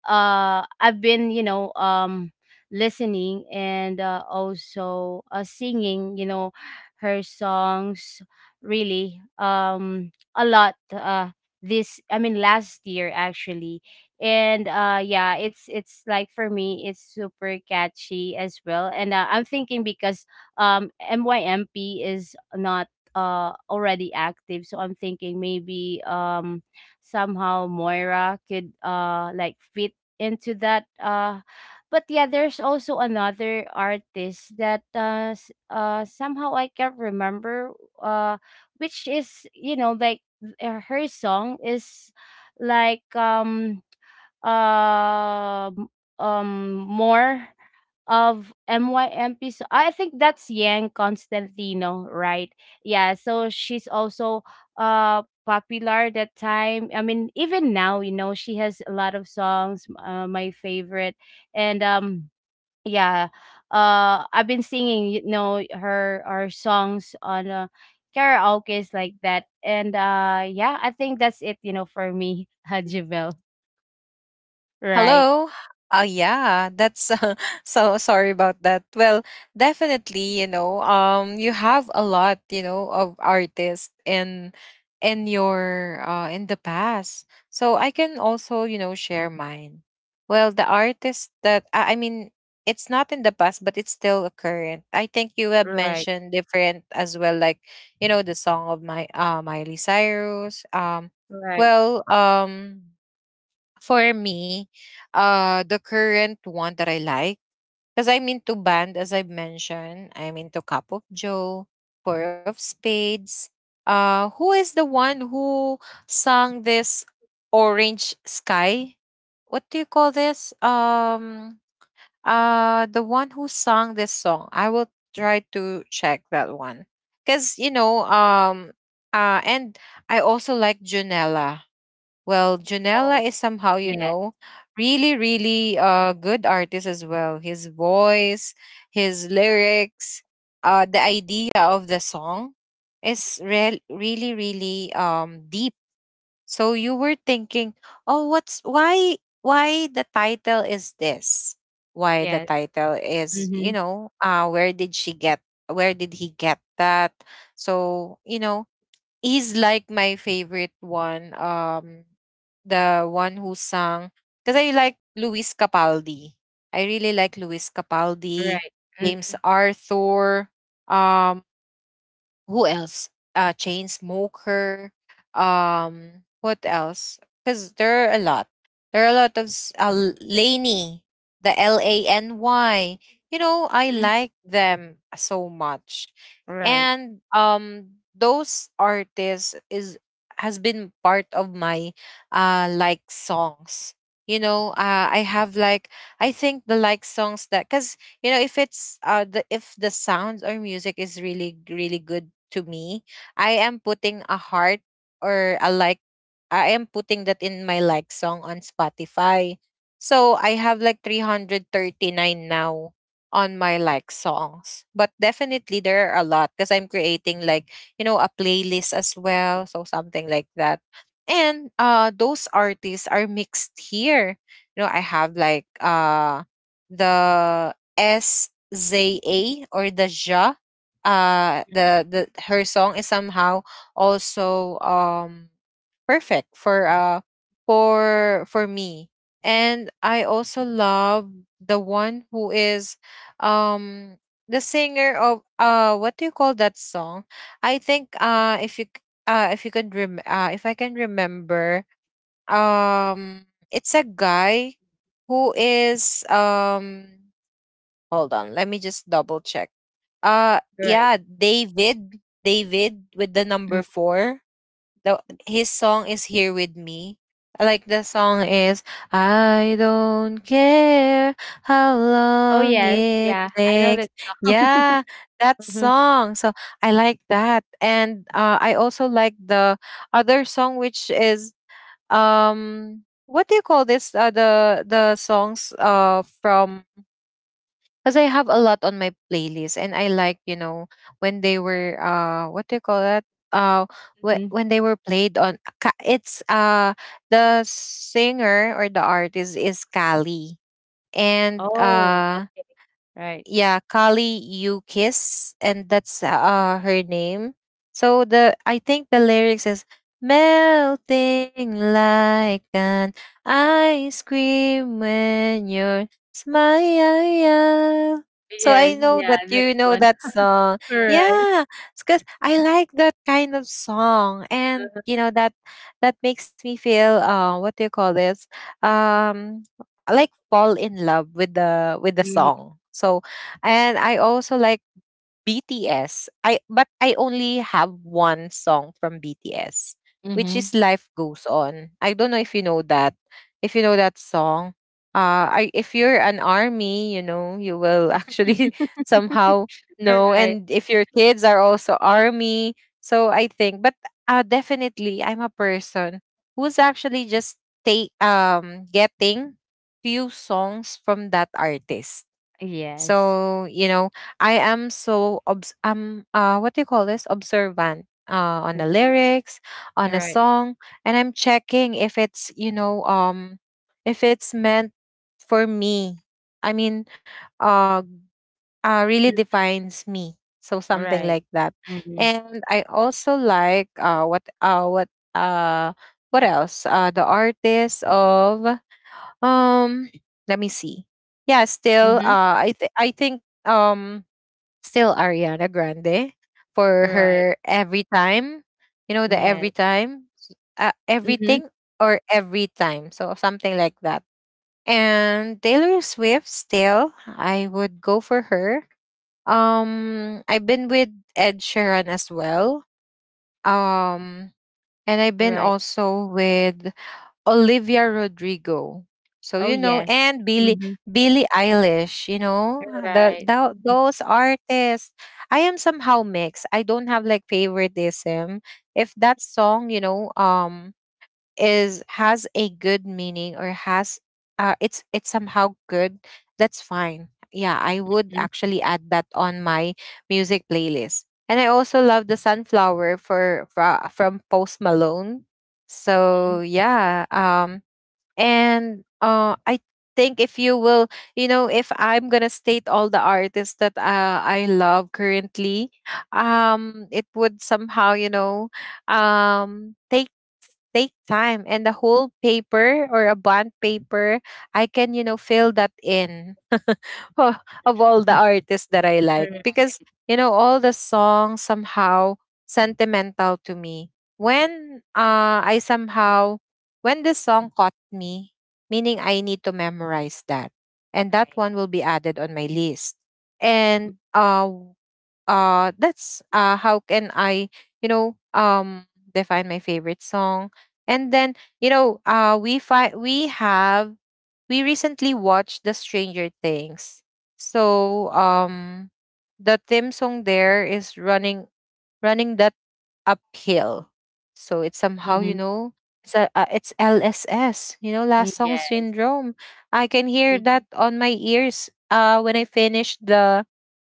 Speaker 2: I've been listening and also singing, her songs, really a lot, this, I mean last year, actually. And yeah, it's like for me it's super catchy as well. And I'm thinking, because MYMP is not already active, so I'm thinking maybe somehow Moira could like fit into that but yeah there's also another artist that somehow I can't remember. uh which is, like her song is like um uh, m- more of MYMP. So I think that's Yang Constantino, right? Yeah, so she's also popular that time. I mean, even now, you know, she has a lot of songs, my favorite. And yeah, I've been singing, you know, her songs on karaoke's like that. And yeah, I think that's it, you know, for me, (laughs) Hajibel, right?
Speaker 1: Hello. Yeah, that's (laughs) so sorry about that. Well, definitely, you know, you have a lot, you know, of artists in your in the past. So I can also, you know, share mine. Well, the artist that I mean, it's not in the past, but it's still a current. I think you have
Speaker 2: Right,
Speaker 1: mentioned different as well, like you know, the song of my Miley Cyrus.
Speaker 2: right.
Speaker 1: Well, um, for me, the current one that I like, because I'm into band, as I mentioned, I'm into Cup of Joe, Four of Spades. Who is the one who sang this Orange Sky? What do you call this? The one who sang this song. I will try to check that one, because you know, and I also like Junella. Well,
Speaker 2: Oh,
Speaker 1: Janela is somehow, you
Speaker 2: yes,
Speaker 1: know, really, really good artist as well. His voice, his lyrics, the idea of the song is really, really deep. So you were thinking, oh what's why the title is this? Why the
Speaker 2: yes.
Speaker 1: title is,
Speaker 2: Mhm.
Speaker 1: you know, where did she get, where did he get that? So, you know, is like my favorite one. The one who sang because I like Luis Capaldi. I really like Luis Capaldi,
Speaker 2: Right.
Speaker 1: James Arthur. Um, who else? Chain smoker. What else? Because there are a lot. There are a lot of Laney, the LANY. You know, I
Speaker 2: Mhm.
Speaker 1: like them so much,
Speaker 2: Right.
Speaker 1: and those artists is has been part of my like songs. I have like I think the like songs that because you know if it's the if the sounds or music is really good to me, I am putting a heart or a like. I am putting that in my like song on Spotify, so I have like 339 now on my like songs. But definitely there are a lot because I'm creating like, you know, a playlist as well. So something like that. And those artists are mixed here. You know, I have like the S Z A or the Ja. The her song is somehow also perfect for for me. And I also love the one who is, um, the singer of, uh, what do you call that song? I think if you could rem if I can remember, um, it's a guy who is, um... Hold on, let me just double check.
Speaker 2: Right.
Speaker 1: Yeah, David with the number
Speaker 2: Mm.
Speaker 1: 4. The, his song is Here With Me. I like the song is I don't care how
Speaker 2: Oh,
Speaker 1: long
Speaker 2: yes.
Speaker 1: it
Speaker 2: Yeah, I know
Speaker 1: takes.
Speaker 2: that.
Speaker 1: Yeah, that
Speaker 2: Mhm.
Speaker 1: song. So I like that. And I also like the other song, which is, um, what do you call this, the songs from, because I have a lot on my playlist, and I like, you know, when they were, uh, what do you call that, uh,
Speaker 2: Mhm.
Speaker 1: when they were played on... It's the singer or the artist is Kali, and
Speaker 2: Oh,
Speaker 1: uh,
Speaker 2: okay. Right.
Speaker 1: yeah, Kali Yukis, and that's her name. So the, I think the lyrics is melting like an ice cream when you're smile. So I
Speaker 2: Yes.
Speaker 1: know
Speaker 2: Yeah,
Speaker 1: that you
Speaker 2: that's
Speaker 1: know
Speaker 2: one.
Speaker 1: that song.
Speaker 2: All right.
Speaker 1: Yeah, because I like that kind of song, and you know that that makes me feel, uh, what do you call this, um, I like fall in love with the
Speaker 2: Mhm.
Speaker 1: song. So and I also like BTS. I, but I only have one song from BTS, which
Speaker 2: Mm-hmm.
Speaker 1: is Life Goes On. I don't know if you know that. If you know that song. I if you're an army, you know, you will actually (laughs) somehow
Speaker 2: All
Speaker 1: know.
Speaker 2: right.
Speaker 1: And if your kids are also army. So I think, but definitely I'm a person who's actually just take, um, getting few songs from that artist.
Speaker 2: Yes.
Speaker 1: So, you know, I am so obs I'm, uh, what do you call this? Observant on
Speaker 2: Mhm.
Speaker 1: the lyrics,
Speaker 2: All
Speaker 1: on a
Speaker 2: right.
Speaker 1: song, and I'm checking if it's, you know, um, if it's meant for me. I mean, uh uh, really
Speaker 2: Mm.
Speaker 1: defines me. So something
Speaker 2: Right.
Speaker 1: like that.
Speaker 2: Mhm.
Speaker 1: And I also like, uh what else? The artist of, um, let me see. Yeah, still.
Speaker 2: Mhm.
Speaker 1: I think, um, still Ariana Grande
Speaker 2: All
Speaker 1: for
Speaker 2: right.
Speaker 1: her every time. You know the
Speaker 2: Yes.
Speaker 1: every time,
Speaker 2: Mhm.
Speaker 1: everything or every time. So something like that. And Taylor Swift still. I would go for her. I've been with Ed Sheeran as well. Um, and I've
Speaker 2: All
Speaker 1: been
Speaker 2: right.
Speaker 1: also with Olivia Rodrigo. So
Speaker 2: Oh,
Speaker 1: you know,
Speaker 2: yes.
Speaker 1: and Billy
Speaker 2: Mhm.
Speaker 1: Billie Eilish, you know,
Speaker 2: All
Speaker 1: the,
Speaker 2: right.
Speaker 1: the those artists. I am somehow mixed. I don't have like favoritism. If that song, you know, um, is has a good meaning or has, it's somehow good, that's fine. Yeah, I would actually add that on my music playlist. And I also love the Sunflower from Post Malone.
Speaker 2: Mhm.
Speaker 1: So yeah, um, and I think if you will, you know, if I'm gonna state all the artists that, I love currently, um, it would somehow, you know, um, take time and a whole paper or a bond paper I can, you know, fill that in (laughs) of all the artists that I like.
Speaker 2: All
Speaker 1: Because, you know, all the songs somehow sentimental to me when, I somehow when this song caught me, meaning I need to memorize that, and that
Speaker 2: right.
Speaker 1: one will be added on my list. And uh, that's how can I, you know, um, define my favorite song. And then, you know, we have, we recently watched the Stranger Things. So, um, the theme song there is Running, Running That Uphill. So it's somehow, you
Speaker 2: Mhm.
Speaker 1: know, it's a, it's LSS, you know, last song
Speaker 2: Yes.
Speaker 1: syndrome. I can hear
Speaker 2: Mhm.
Speaker 1: that on my ears when I finish the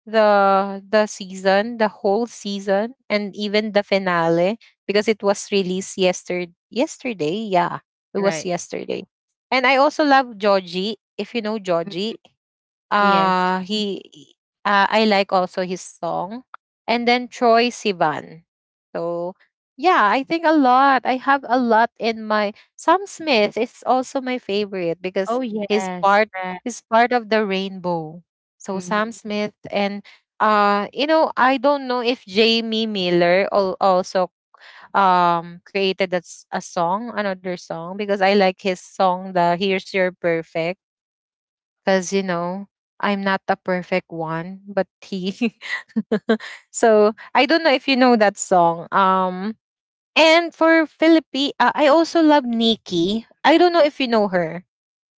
Speaker 1: the season, the whole season, and even the finale, because it was released yesterday. Yeah, it was
Speaker 2: Right.
Speaker 1: yesterday. And I also love Georgie. If you know
Speaker 2: Mm.
Speaker 1: Georgie,
Speaker 2: Yes.
Speaker 1: he, I like also his song. And then Troy Sivan. So yeah, I think a lot. I have a lot in my... Sam Smith is also my favorite because
Speaker 2: Oh,
Speaker 1: he's
Speaker 2: yes.
Speaker 1: part
Speaker 2: Right.
Speaker 1: he's part of the rainbow. So Sam
Speaker 2: Mhm.
Speaker 1: Smith and, you know, I don't know if Jamie Miller also, um, created a, a song, another song, because I like his song, the Here's Your Perfect. Because, you know, I'm not the perfect one, but he. (laughs) So I don't know if you know that song. And for Philippi, I also love Nikki. I don't know if you know her.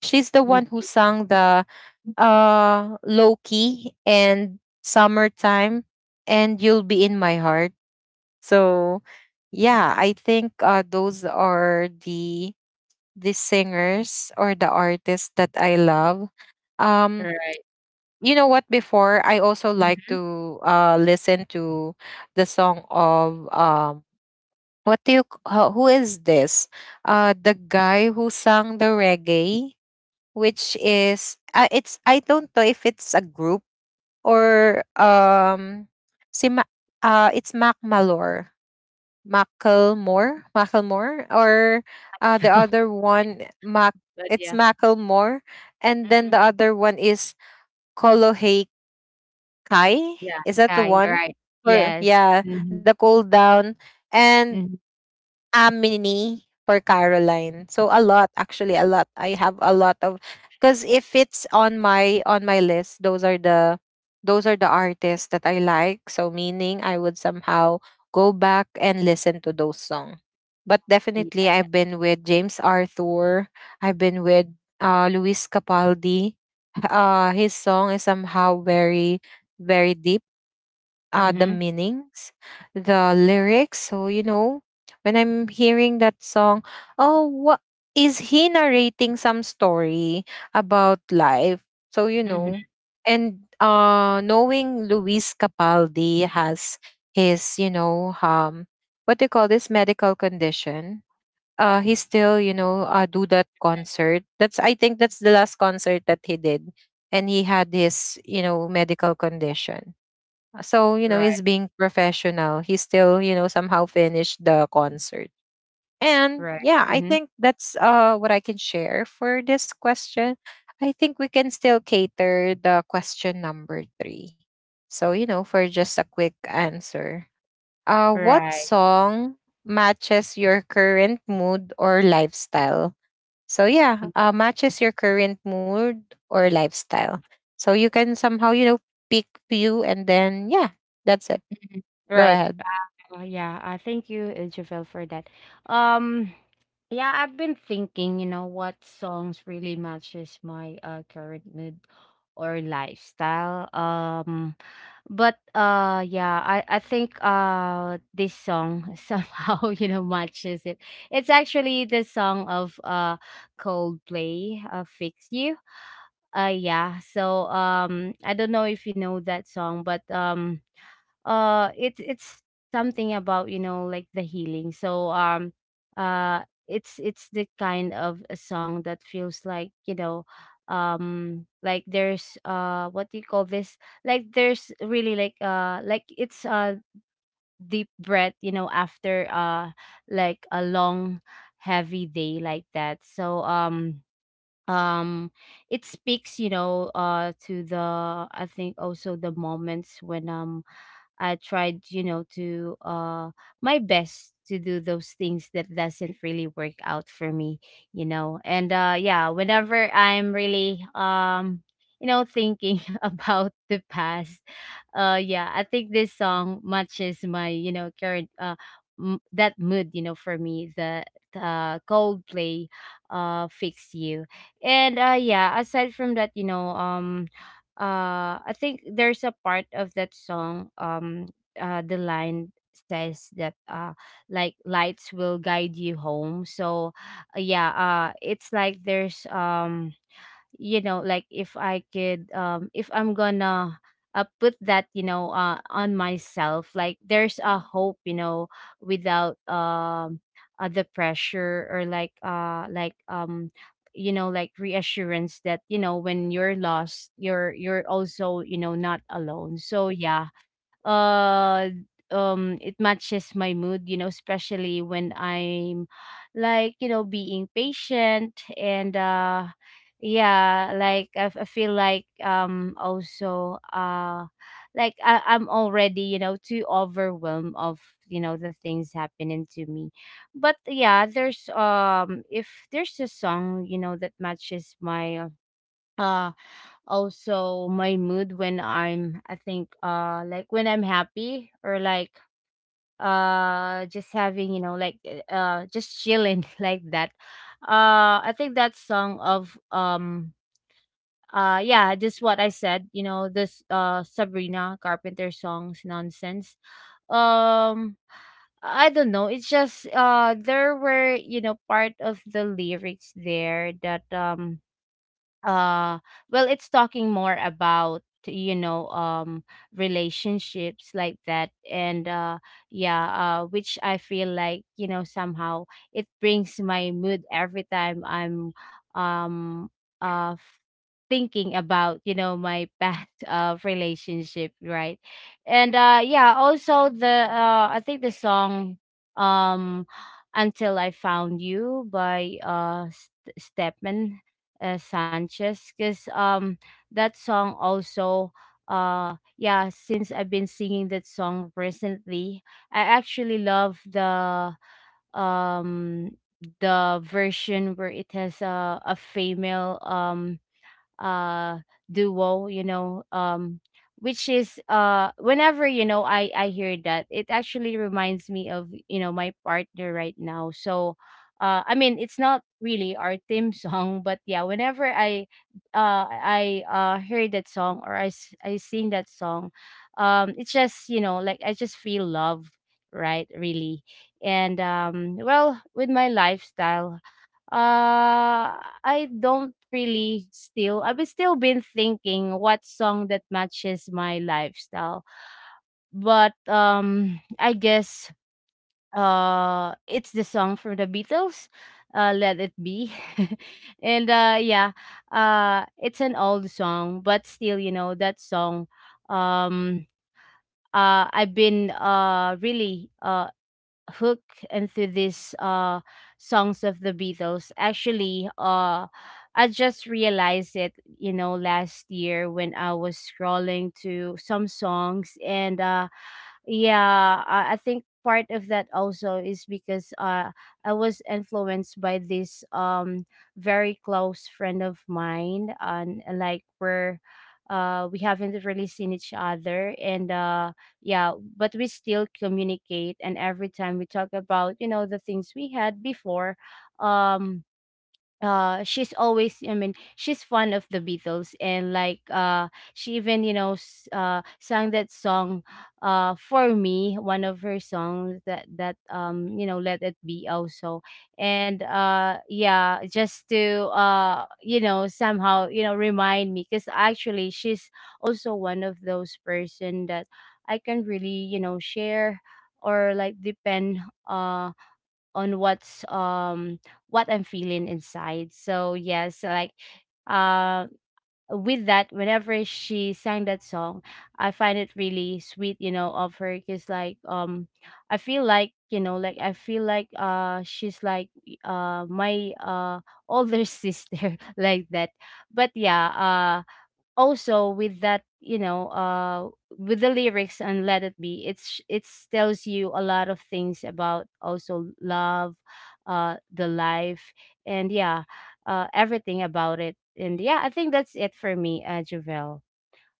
Speaker 1: She's the
Speaker 2: Mm.
Speaker 1: one who sang the, uh, Loki and Summertime and You'll Be in My Heart. So yeah, I think, those are the singers or the artists that I love. Um,
Speaker 2: Right.
Speaker 1: you know what, before I also like to, uh, listen to the song of, um, what do you who is this, uh, the guy who sang the reggae, which is, it's, I don't know if it's a group or, um, si Ma- it's Macklemore. Or
Speaker 2: (laughs)
Speaker 1: the
Speaker 2: No.
Speaker 1: other one, Mac...
Speaker 2: But
Speaker 1: It's
Speaker 2: yeah.
Speaker 1: Macklemore. And then
Speaker 2: Mhm.
Speaker 1: the other one is Kolo Hey Kai?
Speaker 2: Yeah.
Speaker 1: Is that
Speaker 2: Yeah,
Speaker 1: the
Speaker 2: you're
Speaker 1: one?
Speaker 2: right.
Speaker 1: For
Speaker 2: Yes.
Speaker 1: yeah,
Speaker 2: Mm-hmm.
Speaker 1: the Cool Down and
Speaker 2: Mm-hmm.
Speaker 1: Amini for Caroline. So a lot, actually, a lot. I have a lot of, because if it's on my list, those are the artists that I like. So meaning I would somehow go back and listen to those songs. But definitely,
Speaker 2: Yeah.
Speaker 1: I've been with James Arthur. I've been with, Luis Capaldi. His song is somehow very deep, the
Speaker 2: Mm-hmm.
Speaker 1: meanings, the lyrics. So, you know, when I'm hearing that song, oh, what is he narrating some story about life? So, you
Speaker 2: Mm-hmm.
Speaker 1: know, and, knowing Luis Capaldi has his, you know, what do you call this medical condition? He still, you know, do that concert. That's I think that's the last concert that he did, and he had his, you know, medical condition, uh. So, you know,
Speaker 2: Right.
Speaker 1: he's being professional. He still, you know, somehow finished the concert. And
Speaker 2: Right.
Speaker 1: yeah, I
Speaker 2: Mm-hmm.
Speaker 1: think that's what I can share for this question. I think we can still cater the question number 3. So, you know, for just a quick answer. What
Speaker 2: Right.
Speaker 1: song matches your current mood or lifestyle? So, yeah, uh, matches your current mood or lifestyle. So, you can somehow, you know, pick few, and then yeah, that's it.
Speaker 2: Mm-hmm.
Speaker 1: Go
Speaker 2: Right.
Speaker 1: ahead.
Speaker 2: Oh yeah, thank you, Javel, for that. Um, yeah, I've been thinking, you know, what songs really matches my current mood or lifestyle. But yeah, I think this song (laughs) somehow, you know, matches it. It's actually the song of Coldplay, "Fix You." Yeah. So I don't know if you know that song, but it's something about, you know, like the healing. So uh it's the kind of a song that feels like, you know, like there's what do you call this, like there's really like it's a deep breath, you know, after like a long heavy day like that. So um it speaks, you know, to the, I think, also the moments when I tried, you know, to my best to do those things that doesn't really work out for me, you know. And yeah, whenever I'm really you know, thinking (laughs) about the past, yeah, I think this song matches my, you know, current that mood, you know, for me, the Coldplay Fix You. And yeah, aside from that, you know, I think there's a part of that song, the line says that like lights will guide you home. So yeah, it's like there's you know, like if I could, if I'm gonna put that, you know, on myself, like there's a hope, you know, without the pressure, or like you know, like reassurance that, you know, when you're lost, you're also, you know, not alone. So yeah, uh it matches my mood, you know, especially when I'm like, you know, being patient. And yeah, like I feel like also like I'm already, you know, too overwhelmed of, you know, the things happening to me. But yeah, there's if there's a song, you know, that matches my uh also my mood when I'm, I think like when I'm happy or like just having, you know, like just chilling (laughs) like that. I think that song of yeah, just what I said, you know, this Sabrina Carpenter song's nonsense. um I don't know, it's just there were, you know, part of the lyrics there that uh well, it's talking more about, you know, relationships like that. And yeah, which I feel like, you know, somehow it brings my mood every time I'm um uh f- thinking about, you know, my past (laughs) relationship, right? And yeah, also the, I think the song, um until I found you, by Stepman, Sanchez, because that song also, yeah, since I've been singing that song recently, I actually love um the version where it has a female uh duo, you know, which is whenever, you know, I hear that, it actually reminds me of, you know, my partner right now. So I mean, it's not really our theme (laughs) song, but yeah, whenever I hear that song, or I sing that song, it's just, you know, like I just feel love, right, really. And well, with my lifestyle, I don't really still, I've still been thinking what song that matches my lifestyle. But I guess it's the song for the Beatles, Let It Be. (laughs) and yeah, it's an old song, but still, you know, that song, um I've been really hook and to these songs of the Beatles. Actually, I just realized it, you know, last year when I was scrolling to some songs. And yeah, I think part of that also is because I was influenced by this very close friend of mine. And like we're we haven't really seen each other. And yeah, but we still communicate, and every time we talk about, you know, the things we had before, um she's always, I mean she's fond of the Beatles. And like she even, you know, sang that song for me, one of her songs that that, you know, Let It Be also. And yeah, just to you know, somehow, you know, remind me, because actually she's also one of those person that I can really, you know, share or like depend uh, on what's what I'm feeling inside. So yes, like uh with that, whenever she sang that song, I find it really sweet, you know, of her, because like I feel like, you know, like I feel like she's like my older (laughs) sister like that. But yeah, also with that, you know, with the lyrics and Let It Be, it's tells you a lot of things about also love, the life, and yeah, everything about it. And yeah, I think that's it for me, Javel,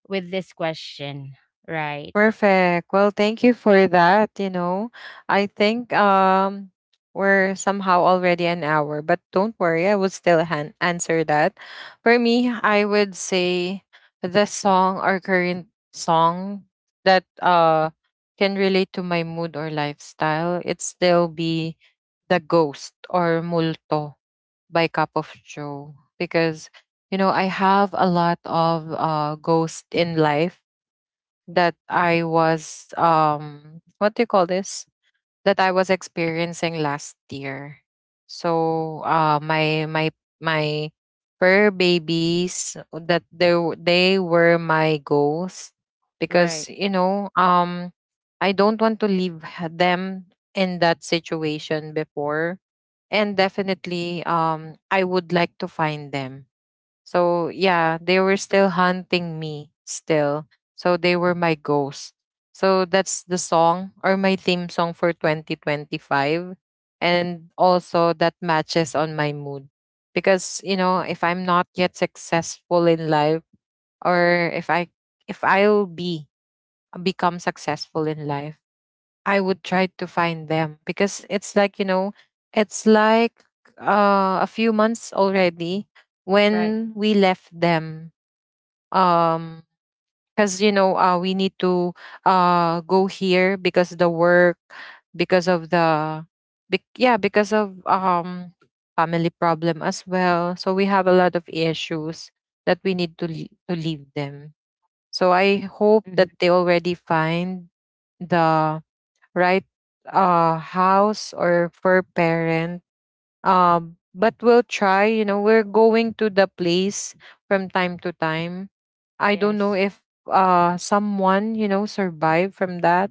Speaker 2: with this question. Right,
Speaker 1: Perfect. Well, thank you for that. You know, I think, um, we're somehow already an hour, but don't worry, I would still answer that. For me, I would say the song or current song that, can relate to my mood or lifestyle, it still be The Ghost or Multo by Cup of Joe. Because, you know, I have a lot of, uh, ghosts in life that I was, um, what do you call this? That I was experiencing last year. So, uh, my my fur babies, that they they were my goals
Speaker 2: right,
Speaker 1: because, you know, um, I don't want to leave them in that situation before. And definitely, um, I would like to find them. So yeah, they were still hunting me still. So they were my ghost. So that's the song or my theme song for 2025, and also that matches on my mood. Because, you know, if I'm not yet successful in life, or if I, if I'll be become successful in life, I would try to find them. Because it's like, you know, it's like, a few months already
Speaker 2: right.
Speaker 1: when we left them. Um, because, you know, we need to, uh, go here because the work, because of the, yeah, because of, um, family problem as well. So we have a lot of issues that we need to to leave them. So I
Speaker 2: Hmm.
Speaker 1: hope that they already find the right, uh, house or for parent. Um, but we'll try, you know, we're going to the place from time to time. I don't
Speaker 2: Yes.
Speaker 1: know if, uh, someone, you know, survived from that,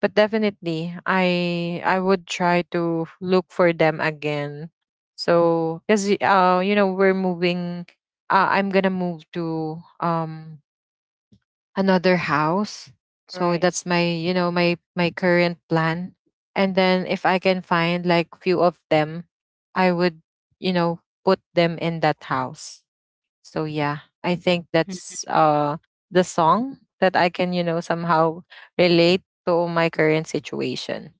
Speaker 1: but definitely, I, would try to look for them again. So because, uh, you know, we're moving, I'm gonna move to, um, another
Speaker 2: Mhm.
Speaker 1: house. So
Speaker 2: Right.
Speaker 1: that's my, you know, my current plan. And then if I can find like few of them, I would, you know, put them in that house. So yeah, I think that's the song that I can, you know, somehow relate to my current situation.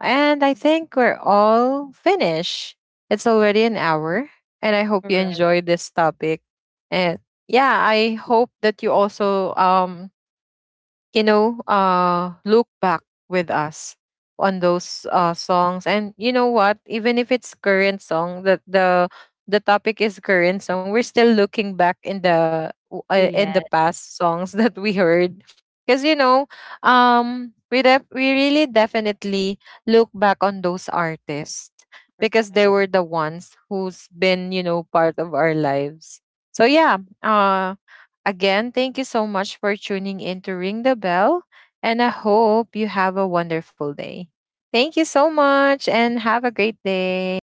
Speaker 1: And I think we're all finished. It's already an hour, and I hope
Speaker 2: Mhm.
Speaker 1: you
Speaker 2: Right.
Speaker 1: enjoyed this topic. And yeah, I hope that you also, um, you know, look back with us on those, songs. And you know what? Even if it's current song, that the topic is current song, we're still looking back in the in
Speaker 2: Yes.
Speaker 1: the past songs (laughs) that we heard. Because you know, we we really definitely look back on those artists because they
Speaker 2: Right.
Speaker 1: were the ones who's been, you know, part of our lives. So yeah, again, thank you so much for tuning in to Ring the Bell, and I hope you have a wonderful day. Thank you so much and have a great day.